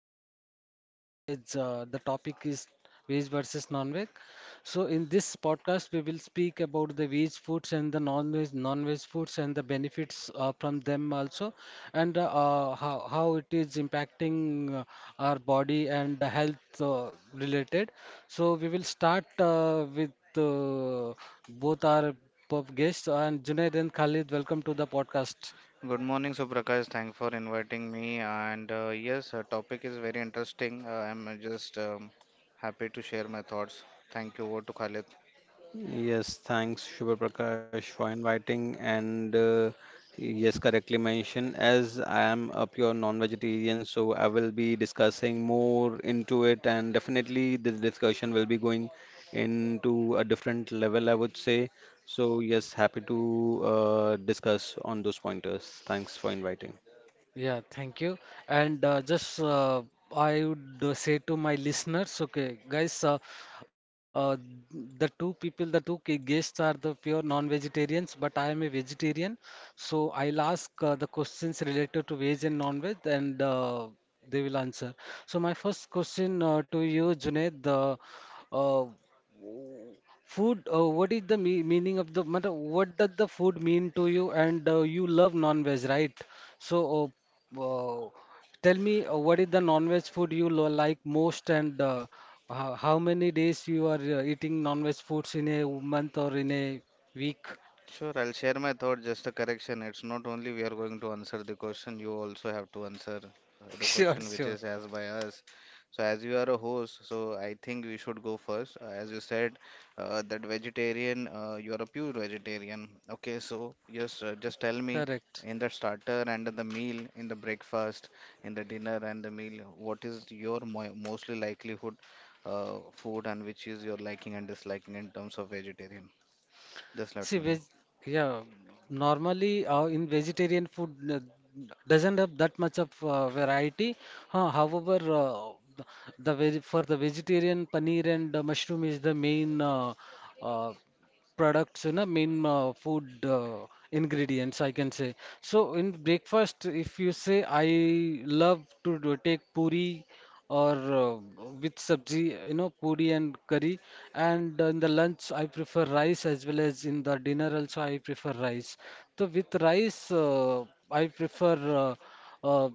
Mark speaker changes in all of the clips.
Speaker 1: veg versus non-veg. The topic is veg versus non-veg. So, in this podcast, we will speak about the veg foods and the non-veg foods and the benefits from them also, and how it is impacting our body and the health related. So, we will start with uh, both our pub guests and Junaid and Khalid. Welcome to the podcast.
Speaker 2: Good morning, Suprakash. Thanks for inviting me. And yes, topic is very interesting. I'm just happy to share my thoughts. Thank you. Over to Khalid.
Speaker 3: Yes, thanks, Shubha Prakash, for inviting. And yes, correctly mentioned, as I am a pure non-vegetarian, so I will be discussing more into it, and definitely this discussion will be going into a different level, I would say. So, yes, happy to discuss on those pointers. Thanks for inviting.
Speaker 1: Yeah, thank you. And just I would say to my listeners, okay, guys, uh, the two people, the guests are the pure non-vegetarians, but I am a vegetarian, so I'll ask the questions related to veg and non-veg, and they will answer. So my first question to you, Junaid, the uh, food. What is the me meaning of the matter? What does the food mean to you? And you love non-veg, right? So, wow. Tell me, what is the non-veg food you like most, and how many days you are eating non-veg foods in a month or in a week?
Speaker 2: Sure, I'll share my thought. Just a correction. It's not only we are going to answer the question, you also have to answer the
Speaker 1: Sure,
Speaker 2: question which
Speaker 1: sure.
Speaker 2: is asked by us. So, as you are a host, so I think we should go first. As you said, that vegetarian, you are a pure vegetarian. Okay, so yes, just tell me
Speaker 1: Correct.
Speaker 2: in the starter and the meal, in the breakfast, in the dinner and the meal, what is your mo mostly likelihood food, and which is your liking and disliking in terms of vegetarian? Just let me
Speaker 1: See,
Speaker 2: know.
Speaker 1: veg, yeah, normally in vegetarian food doesn't have that much of variety. Huh, however, the veg, for the vegetarian, paneer and mushroom is the main uh, products, you know, main food ingredients, I can say. So in breakfast, if you say, I love to take puri or with sabji, you know, puri and curry, and in the lunch I prefer rice as well as in the dinner also I prefer rice. So with rice I prefer uh, uh,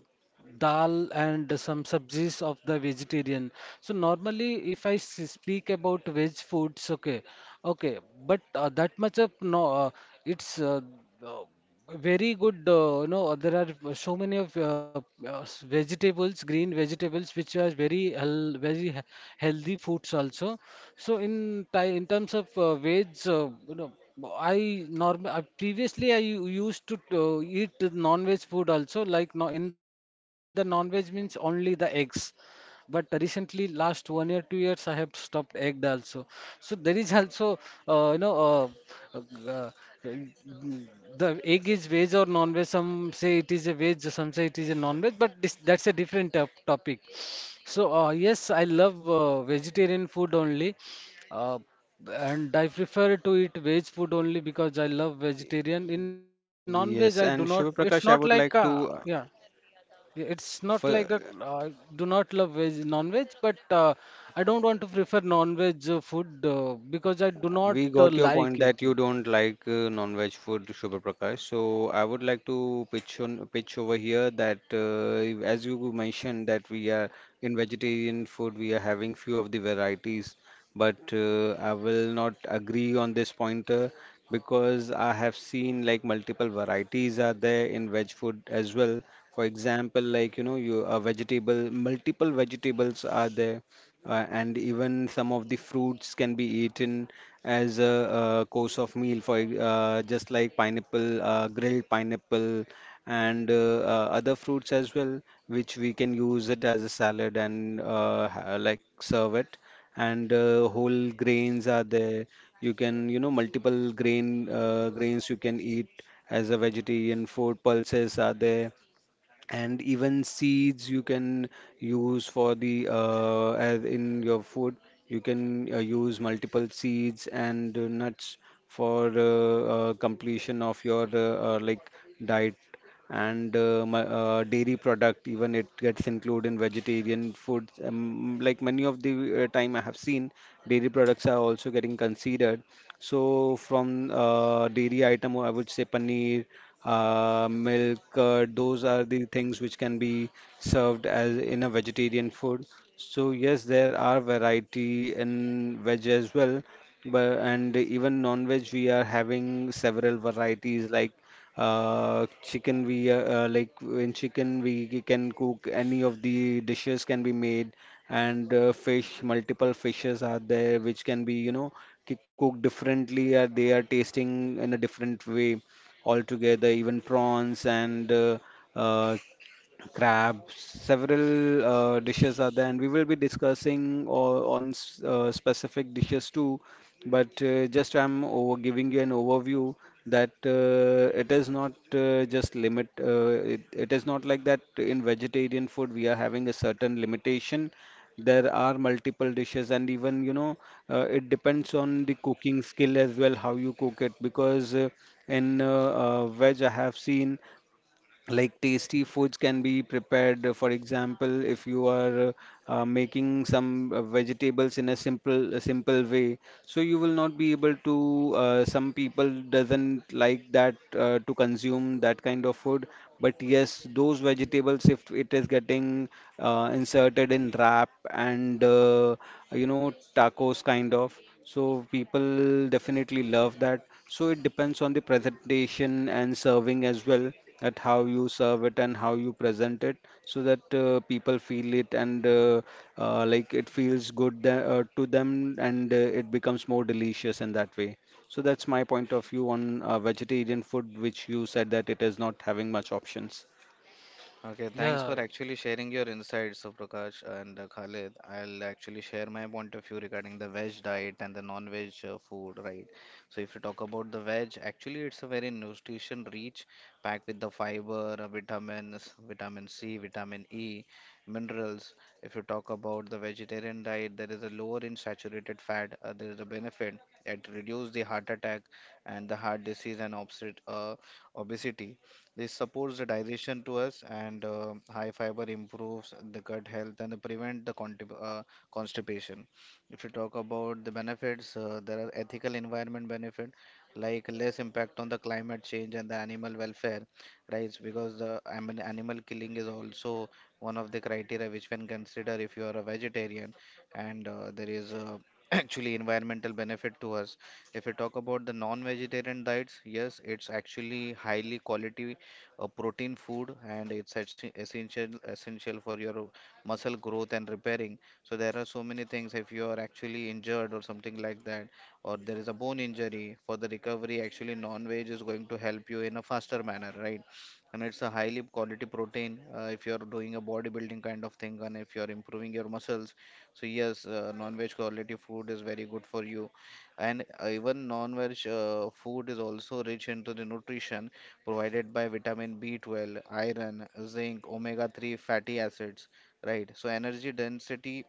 Speaker 1: dal and some subsidies of the vegetarian. So normally, if I speak about veg foods, okay, okay, but that much of no, it's uh, very good, you know, there are so many of vegetables, green vegetables, which are very healthy foods also. So in terms of veg, you know, I norm previously I used to eat non-veg food also, like no, in the non-veg means only the eggs, but recently last one year, 2 years, I have stopped egg also. So there is also uh, you know uh, uh, the egg is veg or non-veg. Some say it is a veg, some say it is a non-veg, but this, that's a different topic. So yes, I love vegetarian food only, uh, and I prefer to eat veg food only because I love vegetarian. In non-veg I do not,
Speaker 3: Yes,
Speaker 1: it's
Speaker 3: and
Speaker 1: not
Speaker 3: Shubha
Speaker 1: like
Speaker 3: Prakash, I would like
Speaker 1: yeah,
Speaker 3: to
Speaker 1: yeah, it's not like that. I
Speaker 3: fir-
Speaker 1: do not love veg, non-veg, but I don't want to prefer non-veg food because I do not
Speaker 3: We got your
Speaker 1: like
Speaker 3: point that
Speaker 1: it.
Speaker 3: you don't like non-veg food, Shubha Prakash. So I would like to pitch over here that as you mentioned that we are in vegetarian food, we are having few of the varieties, but I will not agree on this pointer because I have seen like multiple varieties are there in veg food as well. For example, like you know, you a vegetable, multiple vegetables are there, and even some of the fruits can be eaten as a, course of meal for just like pineapple, grilled pineapple, and other fruits as well, which we can use it as a salad and like serve it. And Whole grains are there. You can, you know, multiple grains you can eat as a vegetarian food. Pulses are there, and even seeds you can use for the as in your food you can use multiple seeds and nuts for completion of your diet, and dairy product even it gets included in vegetarian food, like many of the time I have seen dairy products are also getting considered. So from dairy item, I would say paneer, milk. Those are the things which can be served as in a vegetarian food. So yes, there are variety in veg as well, but and even non-veg we are having several varieties like chicken we like in chicken we can cook any of the dishes can be made, and fish, multiple fishes are there which can be you know cooked differently, they are tasting in a different way altogether, even prawns and uh, crabs, several dishes are there, and we will be discussing specific dishes too. But just I'm over giving you an overview that it is not just limit. It is not like that in vegetarian food we are having a certain limitation. There are multiple dishes, and even you know it depends on the cooking skill as well how you cook it. Because in veg I have seen like tasty foods can be prepared. For example, if you are making some vegetables in a simple way, so you will not be able to some people doesn't like that to consume that kind of food, but yes, those vegetables if it is getting inserted in wrap and you know, tacos kind of, so people definitely love that. So it depends on the presentation and serving as well at how you serve it and how you present it so that people feel it, and it feels good to them, and it becomes more delicious in that way. So that's my point of view on vegetarian food, which you said that it is not having much options.
Speaker 2: Okay, thanks
Speaker 1: Yeah.
Speaker 2: for actually sharing your insights, Prakash and Khalid. I'll actually share my point of view regarding the veg diet and the non-veg food, right? So if you talk about the veg, actually it's a very nutrition rich, packed with the fiber, vitamins, vitamin C, vitamin E, minerals. If you talk about the vegetarian diet, there is a lower in saturated fat. There is a benefit. It reduces the heart attack and the heart disease and obesity. This supports the digestion to us, and high fiber improves the gut health and prevent the constipation. If you talk about the benefits, there are ethical environment benefit like less impact on the climate change and the animal welfare, right? Because animal killing is also one of the criteria which can consider if you are a vegetarian, and there is actually environmental benefit to us. If you talk about the non-vegetarian diets, yes, it's actually highly quality a protein food, and it's essential for your muscle growth and repairing. So there are so many things. If you are actually injured or something like that, or there is a bone injury, for the recovery actually non-veg is going to help you in a faster manner, right? And it's a highly quality protein. If you're doing a bodybuilding kind of thing, and if you're improving your muscles, so yes, non-veg quality food is very good for you. And even non-veg food is also rich into the nutrition provided by vitamin B12, iron, zinc, omega 3 fatty acids, right? So, energy density,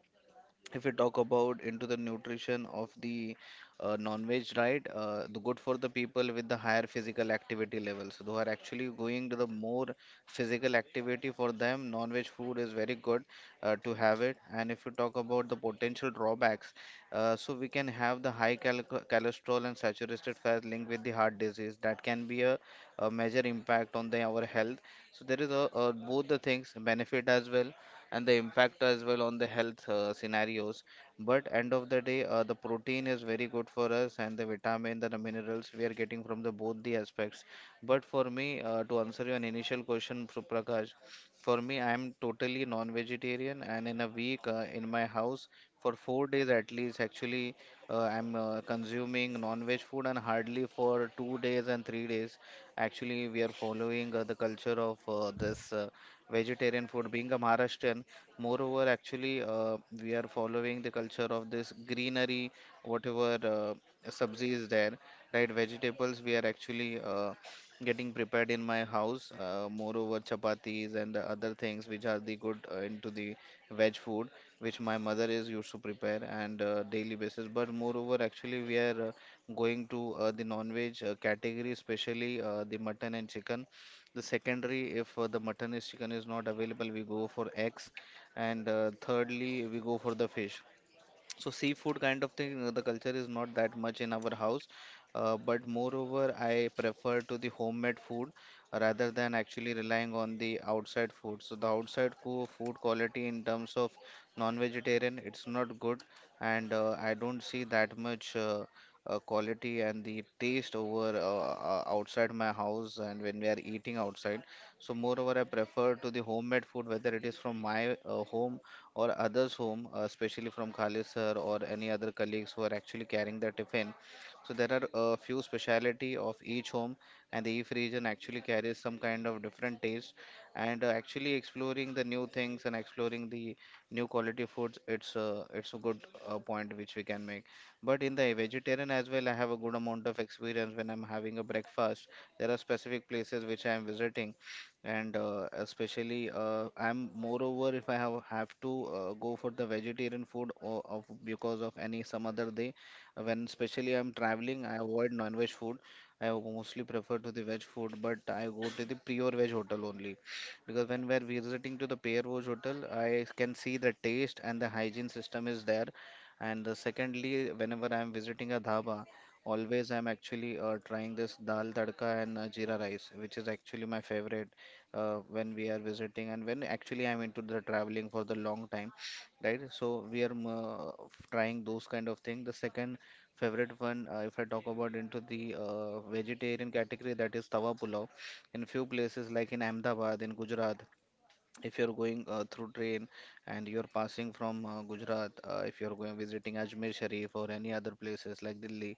Speaker 2: if we talk about into the nutrition of the non-veg, right? The good for the people with the higher physical activity levels, who are actually going to the more physical activity, for them non-veg food is very good to have it. And if you talk about the potential drawbacks, so we can have the cholesterol and saturated fat linked with the heart disease. That can be a major impact on the our health. So there is a both the things benefit as well and the impact as well on the health scenarios. But end of the day, the protein is very good for us, and the vitamin, the minerals we are getting from the both the aspects. But for me, to answer your initial question, Prakash, for me I am totally non-vegetarian, and in a week, in my house, for 4 days at least actually I'm consuming non-veg food, and hardly for 2 days and 3 days actually we are following the culture of this vegetarian food. Being a Maharashtrian, moreover, actually, we are following the culture of this greenery, whatever sabzi is there, right? Vegetables we are actually getting prepared in my house. Moreover, chapatis and other things which are the good into the veg food, which my mother is used to prepare and daily basis. But moreover, actually, we are going to the non-veg category, especially the mutton and chicken. The secondary, if the mutton is chicken is not available, we go for eggs, and thirdly we go for the fish. So seafood kind of thing, the culture is not that much in our house, but moreover, I prefer to the homemade food rather than actually relying on the outside food. So the outside co food quality in terms of non-vegetarian, it's not good, and I don't see that much quality and the taste over outside my house and when we are eating outside. So moreover, I prefer to the homemade food, whether it is from my home or others home, especially from Khalid sir or any other colleagues who are actually carrying the tiffin. So there are a few speciality of each home, and the each region actually carries some kind of different taste. And actually exploring the new things and exploring the new quality foods, it's a good point which we can make. But in the vegetarian as well, I have a good amount of experience when I'm having a breakfast. There are specific places which I am visiting, and especially I'm moreover if I have to go for the vegetarian food, or of because of any some other day when especially I'm traveling I avoid non-veg food. I mostly prefer to the veg food, but I go to the pure veg hotel only, because when we're visiting to the pure veg hotel I can see the taste and the hygiene system is there. And secondly, whenever I'm visiting a dhaba, always I'm actually trying this dal tadka and jeera rice, which is actually my favorite when we are visiting and when actually I'm into the traveling for the long time, right? So we are trying those kind of thing. The second favorite one, if I talk about into the vegetarian category, that is tawa pulao. In few places like in Ahmedabad, in Gujarat, if you're going through train and you're passing from Gujarat, if you're going visiting Ajmer Sharif or any other places like Delhi,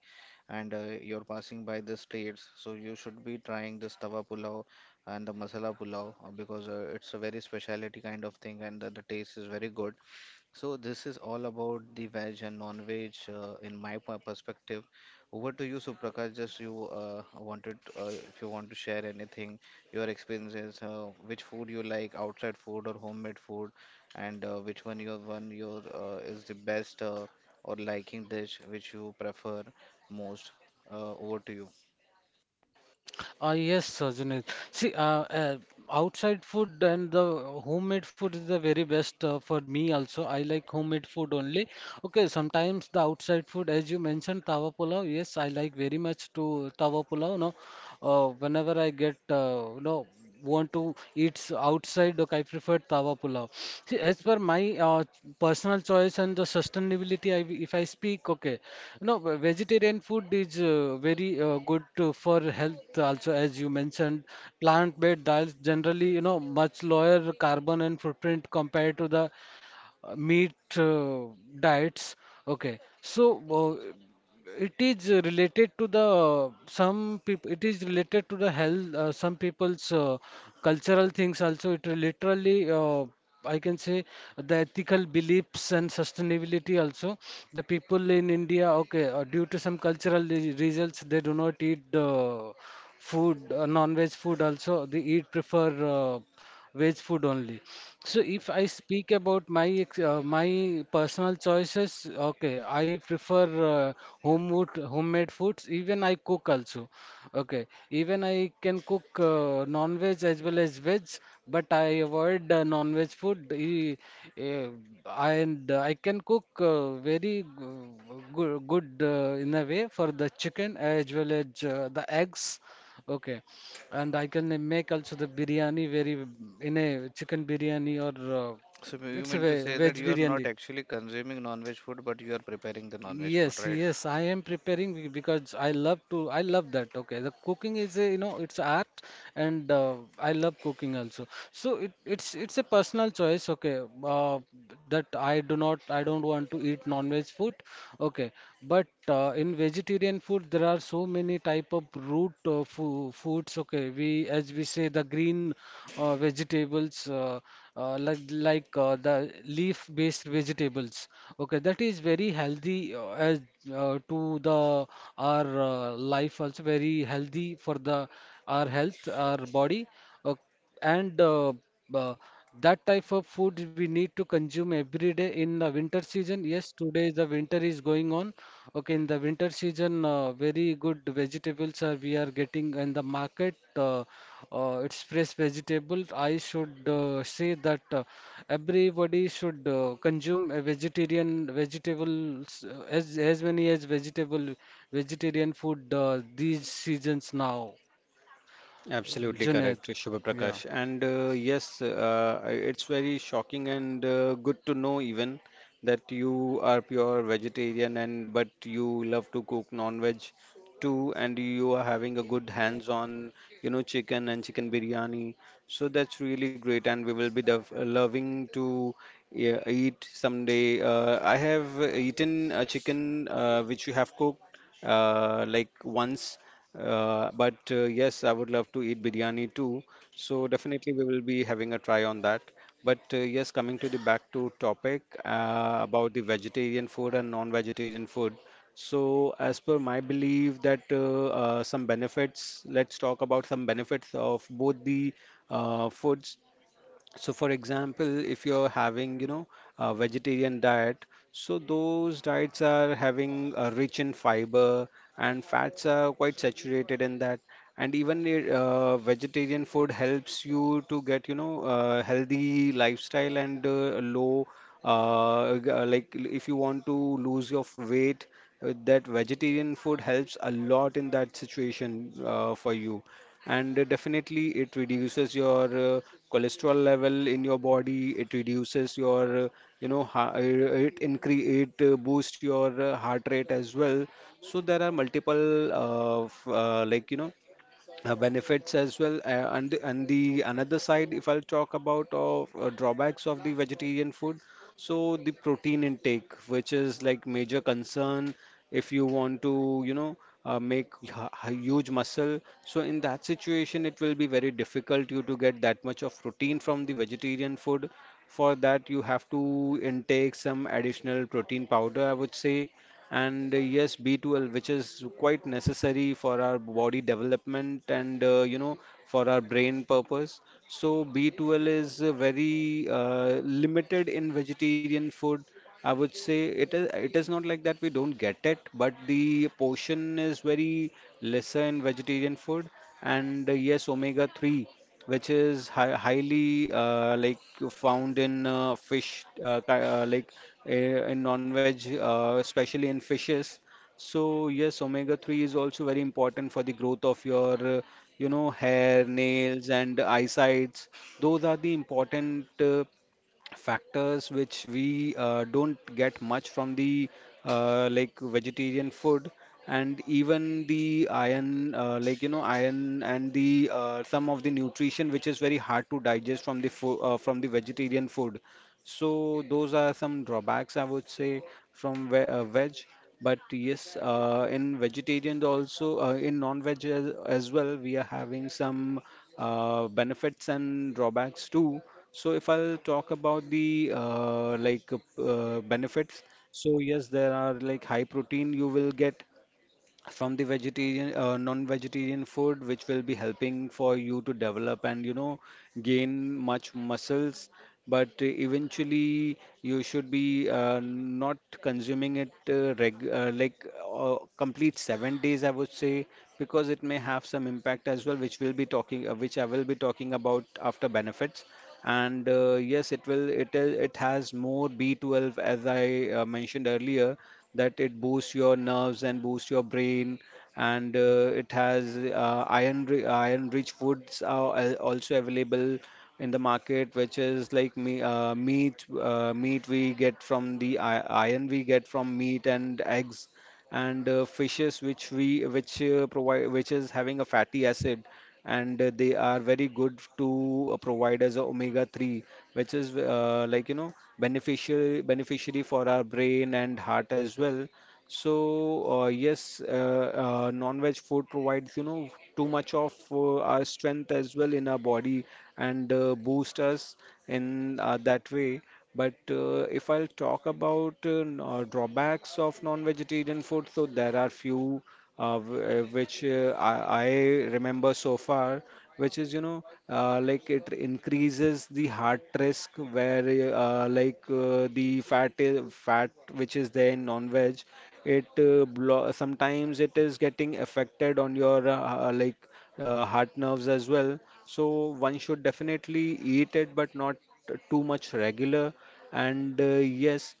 Speaker 2: and you're passing by the streets, so you should be trying this tawa pulao and the masala pulao because it's a very specialty kind of thing, and the taste is very good. So this is all about the veg and non-veg in my perspective. Over to you, Suprakash. Just you wanted, if you want to share anything, your experiences, which food you like, outside food or homemade food, and which one your is the best or liking dish which you prefer most. Over to you.
Speaker 1: Yes, sir, Junaid. See, outside food and the homemade food is the very best for me also. I like homemade food only. Okay, sometimes the outside food, as you mentioned, tawa pulao. Yes, I like very much to tawa pulao. No, whenever I get, want to eat outside, look, I prefer tawa pulao. See, as per my personal choice and the sustainability, I, if I speak, okay. No, vegetarian food is very good to, for health also, as you mentioned. Plant-based diets generally, you know, much lower carbon and footprint compared to the meat diets. Okay, so it is related to the some people. It is related to the health. Some people's cultural things also. It literally. I can say the ethical beliefs and sustainability also. The people in India, okay, due to some cultural reasons, they do not eat food, non-veg food also. They eat prefer uh, veg food only. So if I speak about my my personal choices, okay, I prefer home food, homemade foods. Even I cook also, okay. Even I can cook non-veg as well as veg, but I avoid non-veg food. Eh, and I can cook very good, good in a way for the chicken as well as the eggs, okay. And I can make also the biryani very in a chicken biryani or
Speaker 2: So you
Speaker 1: it's a
Speaker 2: meant to say that
Speaker 1: veg
Speaker 2: you are not
Speaker 1: biryani.
Speaker 2: actually consuming non-veg food, but you are preparing the non-veg food,
Speaker 1: Yes,
Speaker 2: right?
Speaker 1: yes, I am preparing because I love to. I love that. Okay, the cooking is, a you know, it's art, and I love cooking also. So it's a personal choice. Okay, that I do not, I don't want to eat non-veg food. Okay, but in vegetarian food there are so many type of root fo foods. Okay, we, as we say, the green vegetables. Like the leaf-based vegetables. Okay, that is very healthy as to the our life, also very healthy for the our health, our body, uh, and uh, that type of food we need to consume every day in the winter season. Yes, today the winter is going on. Okay, in the winter season, very good vegetables are we are getting in the market. It's fresh vegetables. I should say that everybody should consume a vegetarian vegetables as many as vegetable vegetarian food these seasons now,
Speaker 3: Absolutely
Speaker 1: Junaid.
Speaker 3: correct, Shubha
Speaker 1: Yeah.
Speaker 3: Prakash. And Yes, it's very shocking and good to know even that you are pure vegetarian and but you love to cook non-veg too, and you are having a good hands-on, you know, chicken and chicken biryani. So that's really great, and we will be loving to yeah, eat someday. I have eaten a chicken which you have cooked like once. But Yes, I would love to eat biryani too. So definitely we will be having a try on that. But yes, coming to the back to topic about the vegetarian food and non-vegetarian food. So as per my belief that some benefits, let's talk about some benefits of both the foods. So, for example, if you're having, you know, a vegetarian diet, so those diets are having rich in fiber, and fats are quite saturated in that. And even vegetarian food helps you to get, you know, healthy lifestyle and low, g- like l- if you want to lose your weight, that vegetarian food helps a lot in that situation for you, and definitely it reduces your uh, cholesterol level in your body. It reduces your you know ha- it increase it boost your heart rate as well. So there are multiple benefits as well. And the another side, if I'll talk about of drawbacks of the vegetarian food, so the protein intake, which is like major concern if you want to you know make huge muscle, so in that situation it will be very difficult you to get that much of protein from the vegetarian food. For that, you have to intake some additional protein powder, I would say. And yes, B12, which is quite necessary for our body development, and you know, for our brain purpose. So B12 is very limited in vegetarian food, I would say. It is not like that we don't get it, but the portion is very lesser in vegetarian food. And yes, omega 3, which is hi highly found in fish, in non-veg, especially in fishes. So yes, omega-3 is also very important for the growth of your, hair, nails, and eyesights. Those are the important factors which we don't get much from the vegetarian food. And even the iron, iron and the some of the nutrition which is very hard to digest from the from the vegetarian food. So those are some drawbacks, I would say, from ve veg. But yes, in vegetarian also, in non-veg as well, we are having some benefits and drawbacks too. So if I'll talk about the benefits, so yes, there are like high protein you will get from the vegetarian non-vegetarian food, which will be helping for you to develop and you know gain much muscles. But eventually you should be not consuming it reg like complete 7 days, I would say, because it may have some impact as well, which will be talking which I will be talking about after benefits. And yes, it will it is- it has more B12, as I mentioned earlier, that it boosts your nerves and boosts your brain. And it has iron iron rich foods are also available in the market, which is like me, meat meat we get from the iron we get from meat and eggs, and fishes which we which provide, which is having a fatty acid, and they are very good to provide as a omega 3, which is beneficial beneficiary for our brain and heart as well. So non-veg food provides you know too much of our strength as well in our body, and boost us in that way. But if I'll talk about drawbacks of non-vegetarian food, so there are few which I remember so far, which is you know like it increases the heart risk where the fat which is there in non-veg, it sometimes it is getting affected on your heart nerves as well. So one should definitely eat it, but not too much regular. And yes,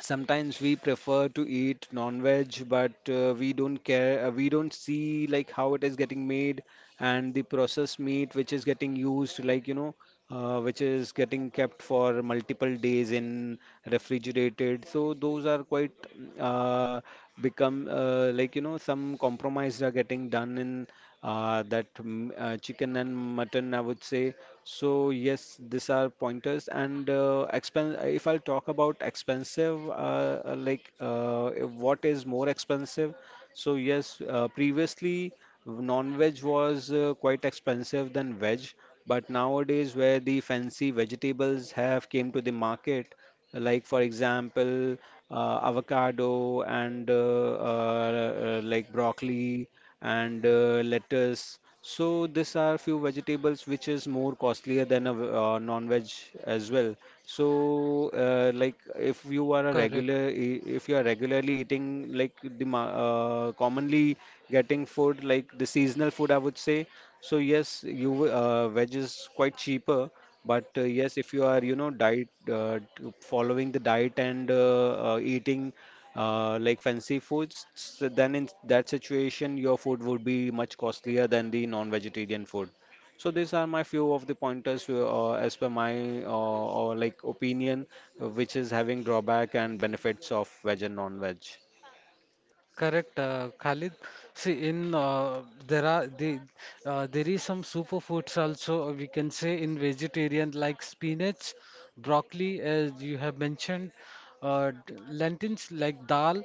Speaker 3: sometimes we prefer to eat non-veg, but we don't care, we don't see like how it is getting made, and the processed meat which is getting used, like you know, which is getting kept for multiple days in refrigerated. So those are quite uh, become some compromise are getting done in that chicken and mutton, I would say. So yes, these are pointers. And expen if I'll talk about expensive, if what is more expensive? So yes, previously non-veg was quite expensive than veg, but nowadays where the fancy vegetables have came to the market like for example avocado and like broccoli and lettuce, so these are few vegetables which is more costlier than non-veg as well. So like if you are
Speaker 1: Correct,
Speaker 3: if you are regularly eating like commonly getting food like the seasonal food, I would say. So yes, veg is quite cheaper, but yes, if you are, diet following the diet and eating like fancy foods, so then in that situation, your food would be much costlier than the non-vegetarian food. So these are my few of the pointers as per my or like opinion, which is having drawback and benefits of veg and non-veg.
Speaker 1: correct, Khalid. See, in there are the there is some superfoods also we can say in vegetarian like spinach, broccoli, as you have mentioned, lentils like dal.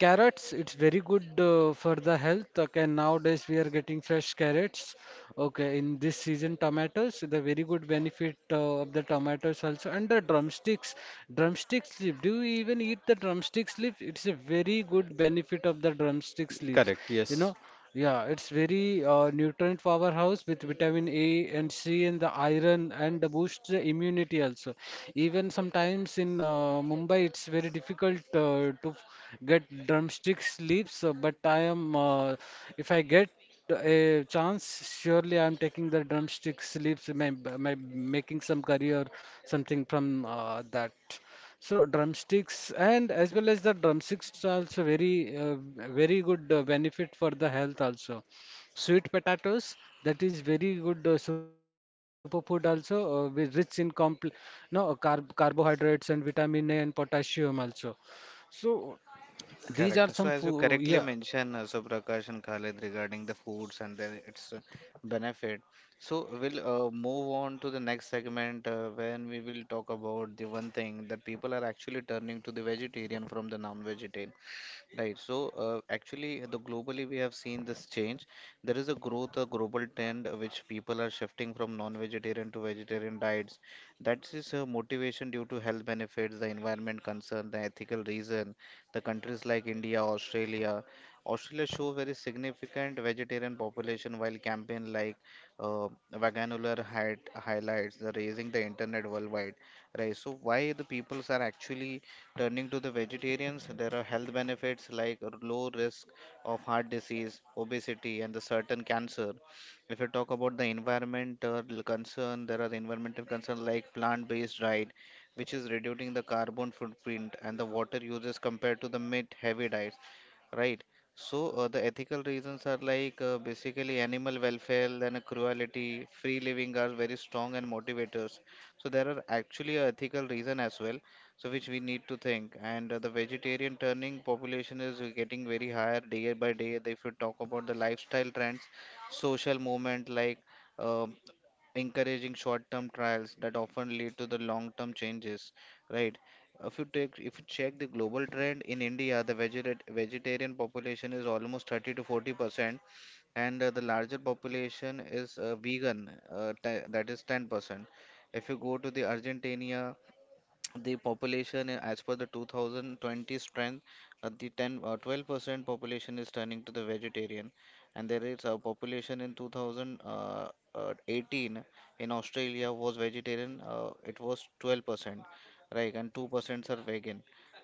Speaker 1: Carrots, it's very good for the health. Okay, nowadays we are getting fresh carrots. Okay, in this season, tomatoes, the very good benefit of the tomatoes also. And the drumsticks, drumsticks leaf. Do you even eat the drumsticks leaf? It's a very good benefit of the drumsticks leaves.
Speaker 3: Correct,
Speaker 1: You
Speaker 3: yes.
Speaker 1: know. Yeah, it's very nutrient powerhouse with vitamin A and C and the iron and the boosts the immunity also. Even sometimes in Mumbai, it's very difficult to get drumstick sleeps. But I am, if I get a chance, surely I'm taking the drumstick sleeps, my making some curry or something from that. So drumsticks and as well as the drumsticks are also very very good benefit for the health also. Sweet potatoes, that is very good superfood also with rich in compl no carbohydrates and vitamin A and potassium also. So these are
Speaker 2: Correct.
Speaker 1: some
Speaker 2: So, as you
Speaker 1: food, yeah.
Speaker 2: correctly mentioned, Suprakash and Khalid, regarding the foods and then its benefit. So, we'll move on to the next segment when we will talk about the one thing that people are actually turning to the vegetarian from the non-vegetarian. Right. So, actually, the globally we have seen this change. There is a growth, a global trend which people are shifting from non-vegetarian to vegetarian diets. That is a motivation due to health benefits, the environment concern, the ethical reason. The countries like India, Australia, Australia show very significant vegetarian population, while campaign like uh, Vaganular had highlights the raising the internet worldwide. Right. So, why the peoples are actually turning to the vegetarians, there are health benefits like low risk of heart disease, obesity, and the certain cancer. If you talk about the environmental concern, there are environmental concerns like plant-based diet, which is reducing the carbon footprint and the water uses compared to the meat-heavy diets. Right. So the ethical reasons are like basically animal welfare and cruelty, free living are very strong and motivators. So there are actually a ethical reason as well, so which we need to think. And the vegetarian turning population is getting very higher day by day. If you talk about the lifestyle trends, social movement like uh, encouraging short-term trials that often lead to the long-term changes, right? If you check the global trend in India, the vegetarian population is almost 30 to 40%, and the larger population is vegan, that is 10%. If you go to the Argentina, the population as per the 2020 strength, uh, the 10 uh, 12% population is turning to the vegetarian. And there is a population in 2018 in Australia was vegetarian, it was 12%, right? And 2% are vegan.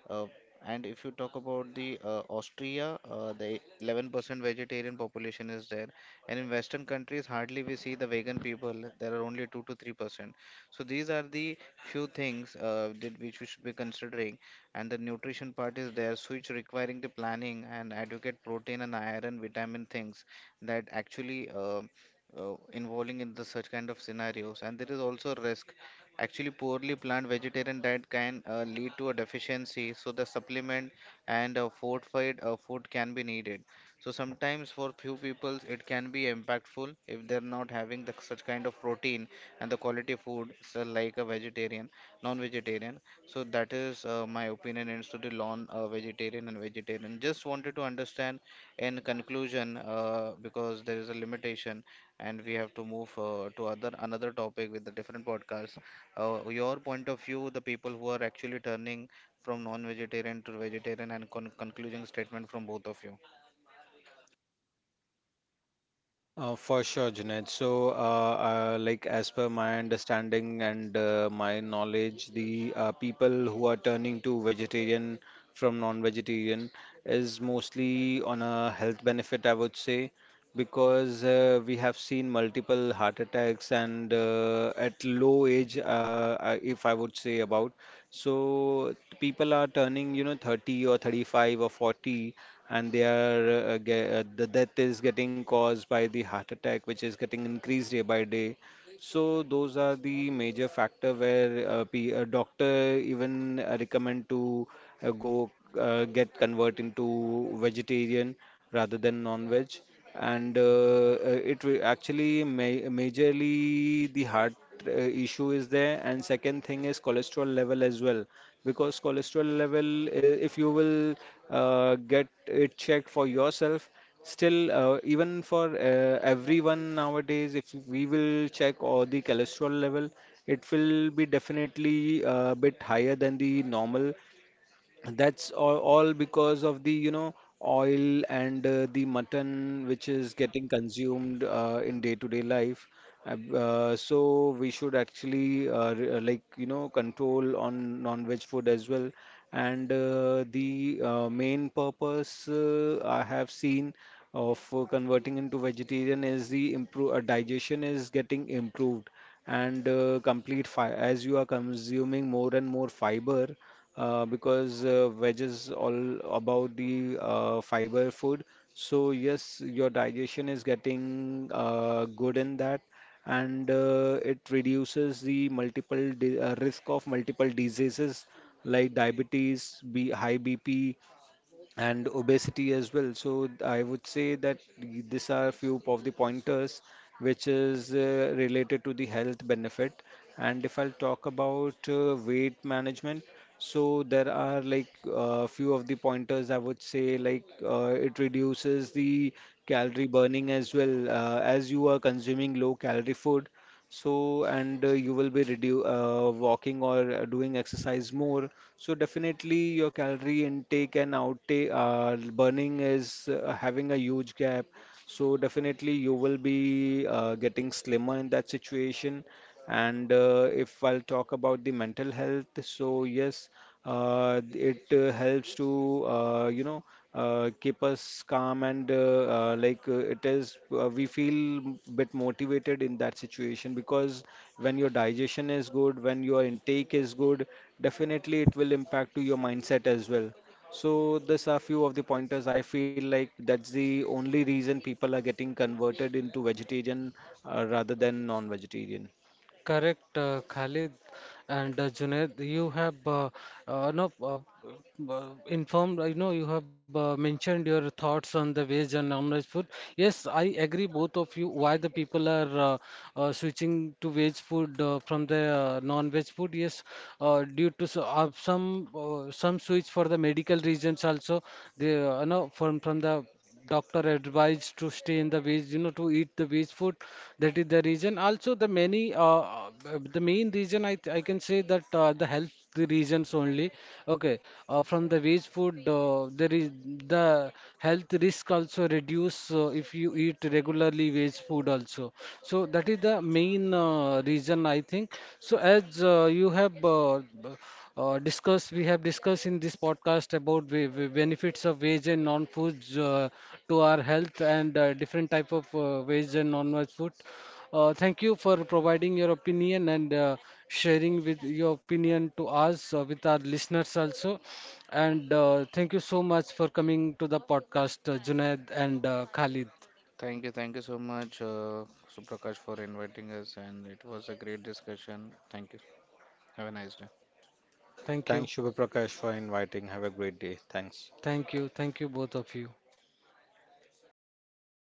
Speaker 2: uh, and if you talk about the Austria, the 11% vegetarian population is there. And in western countries hardly we see the vegan people, there are only 2 to 3%. So these are the few things that which we should be considering. And the nutrition part is there, so it's requiring the planning and adequate protein and iron vitamin things that actually involving in the such kind of scenarios. And there is also risk, actually poorly planned vegetarian diet can lead to a deficiency, so the supplement and fortified food can be needed. So sometimes for few people it can be impactful if they're not having such kind of protein and the quality food, so like a vegetarian, non-vegetarian. So that is my opinion into the non vegetarian and vegetarian. Just wanted to understand, in conclusion, because there is a limitation and we have to move to other another topic with the different podcasts, your point of view, the people who are actually turning from non-vegetarian to vegetarian, and concluding statement from both of you.
Speaker 3: For sure, Junaid. So, like as per my understanding and my knowledge, the people who are turning to vegetarian from non-vegetarian is mostly on a health benefit, I would say, because we have seen multiple heart attacks and at low age, if I would say about. So people are turning, 30 or 35 or 40, and they are the death is getting caused by the heart attack, which is getting increased day by day. So those are the major factor where a doctor even recommend to go get convert into vegetarian rather than non-veg. And it will actually majorly the heart issue is there. And second thing is cholesterol level as well, because cholesterol level, if you will get it checked for yourself. Still, even for everyone nowadays, if we will check all the cholesterol level, it will be definitely a bit higher than the normal. And that's all because of the, oil and the mutton which is getting consumed in day-to-day life. So we should actually like, control on non-veg food as well. And the main purpose I have seen of converting into vegetarian is the improve digestion is getting improved and complete fi as you are consuming more and more fiber, because veg is all about the fiber food. So yes, your digestion is getting good in that, and it reduces the multiple di risk of multiple diseases like diabetes, B high BP, and obesity as well. So I would say that these are few of the pointers which is related to the health benefit. And if I'll talk about weight management, so there are like a few of the pointers, I would say, like it reduces the calorie burning as well as you are consuming low calorie food. So, and you will be redu walking or doing exercise more, so definitely your calorie intake and outtake burning is having a huge gap. So definitely you will be getting slimmer in that situation. And if I'll talk about the mental health, so yes, it helps to, you know, keep us calm and like it is we feel bit motivated in that situation, because when your digestion is good, when your intake is good, definitely it will impact to your mindset as well. So these are few of the pointers. I feel like that's the only reason people are getting converted into vegetarian rather than non-vegetarian.
Speaker 1: Correct, Khalid and Junaid, you have no, informed, I know you have mentioned your thoughts on the veg and non-veg food. Yes, I agree, both of you, why the people are switching to veg food from the non-veg food. Yes, due to some switch for the medical reasons also, they, you know, from the doctor advised to stay in the veg, you know, to eat the veg food. That is the reason. Also, the many, the main reason I can say that the health reasons only. Okay, from the veg food, there is the health risk also reduce if you eat regularly veg food also. So that is the main reason I think. So as you have. Discuss We have discussed in this podcast about the benefits of veg and non-foods to our health and different type of veg and non-veg food. Thank you for providing your opinion and sharing with your opinion to us with our listeners also. And thank you so much for coming to the podcast, Junaid and Khalid.
Speaker 2: Thank you, thank you so much, Suprakash, for inviting us, and it was a great discussion. Thank you. Have a nice day.
Speaker 1: Thank you,
Speaker 3: Thanks, Shubha Prakash, for inviting. Have a great day. Thanks.
Speaker 1: thank you, thank you both of you.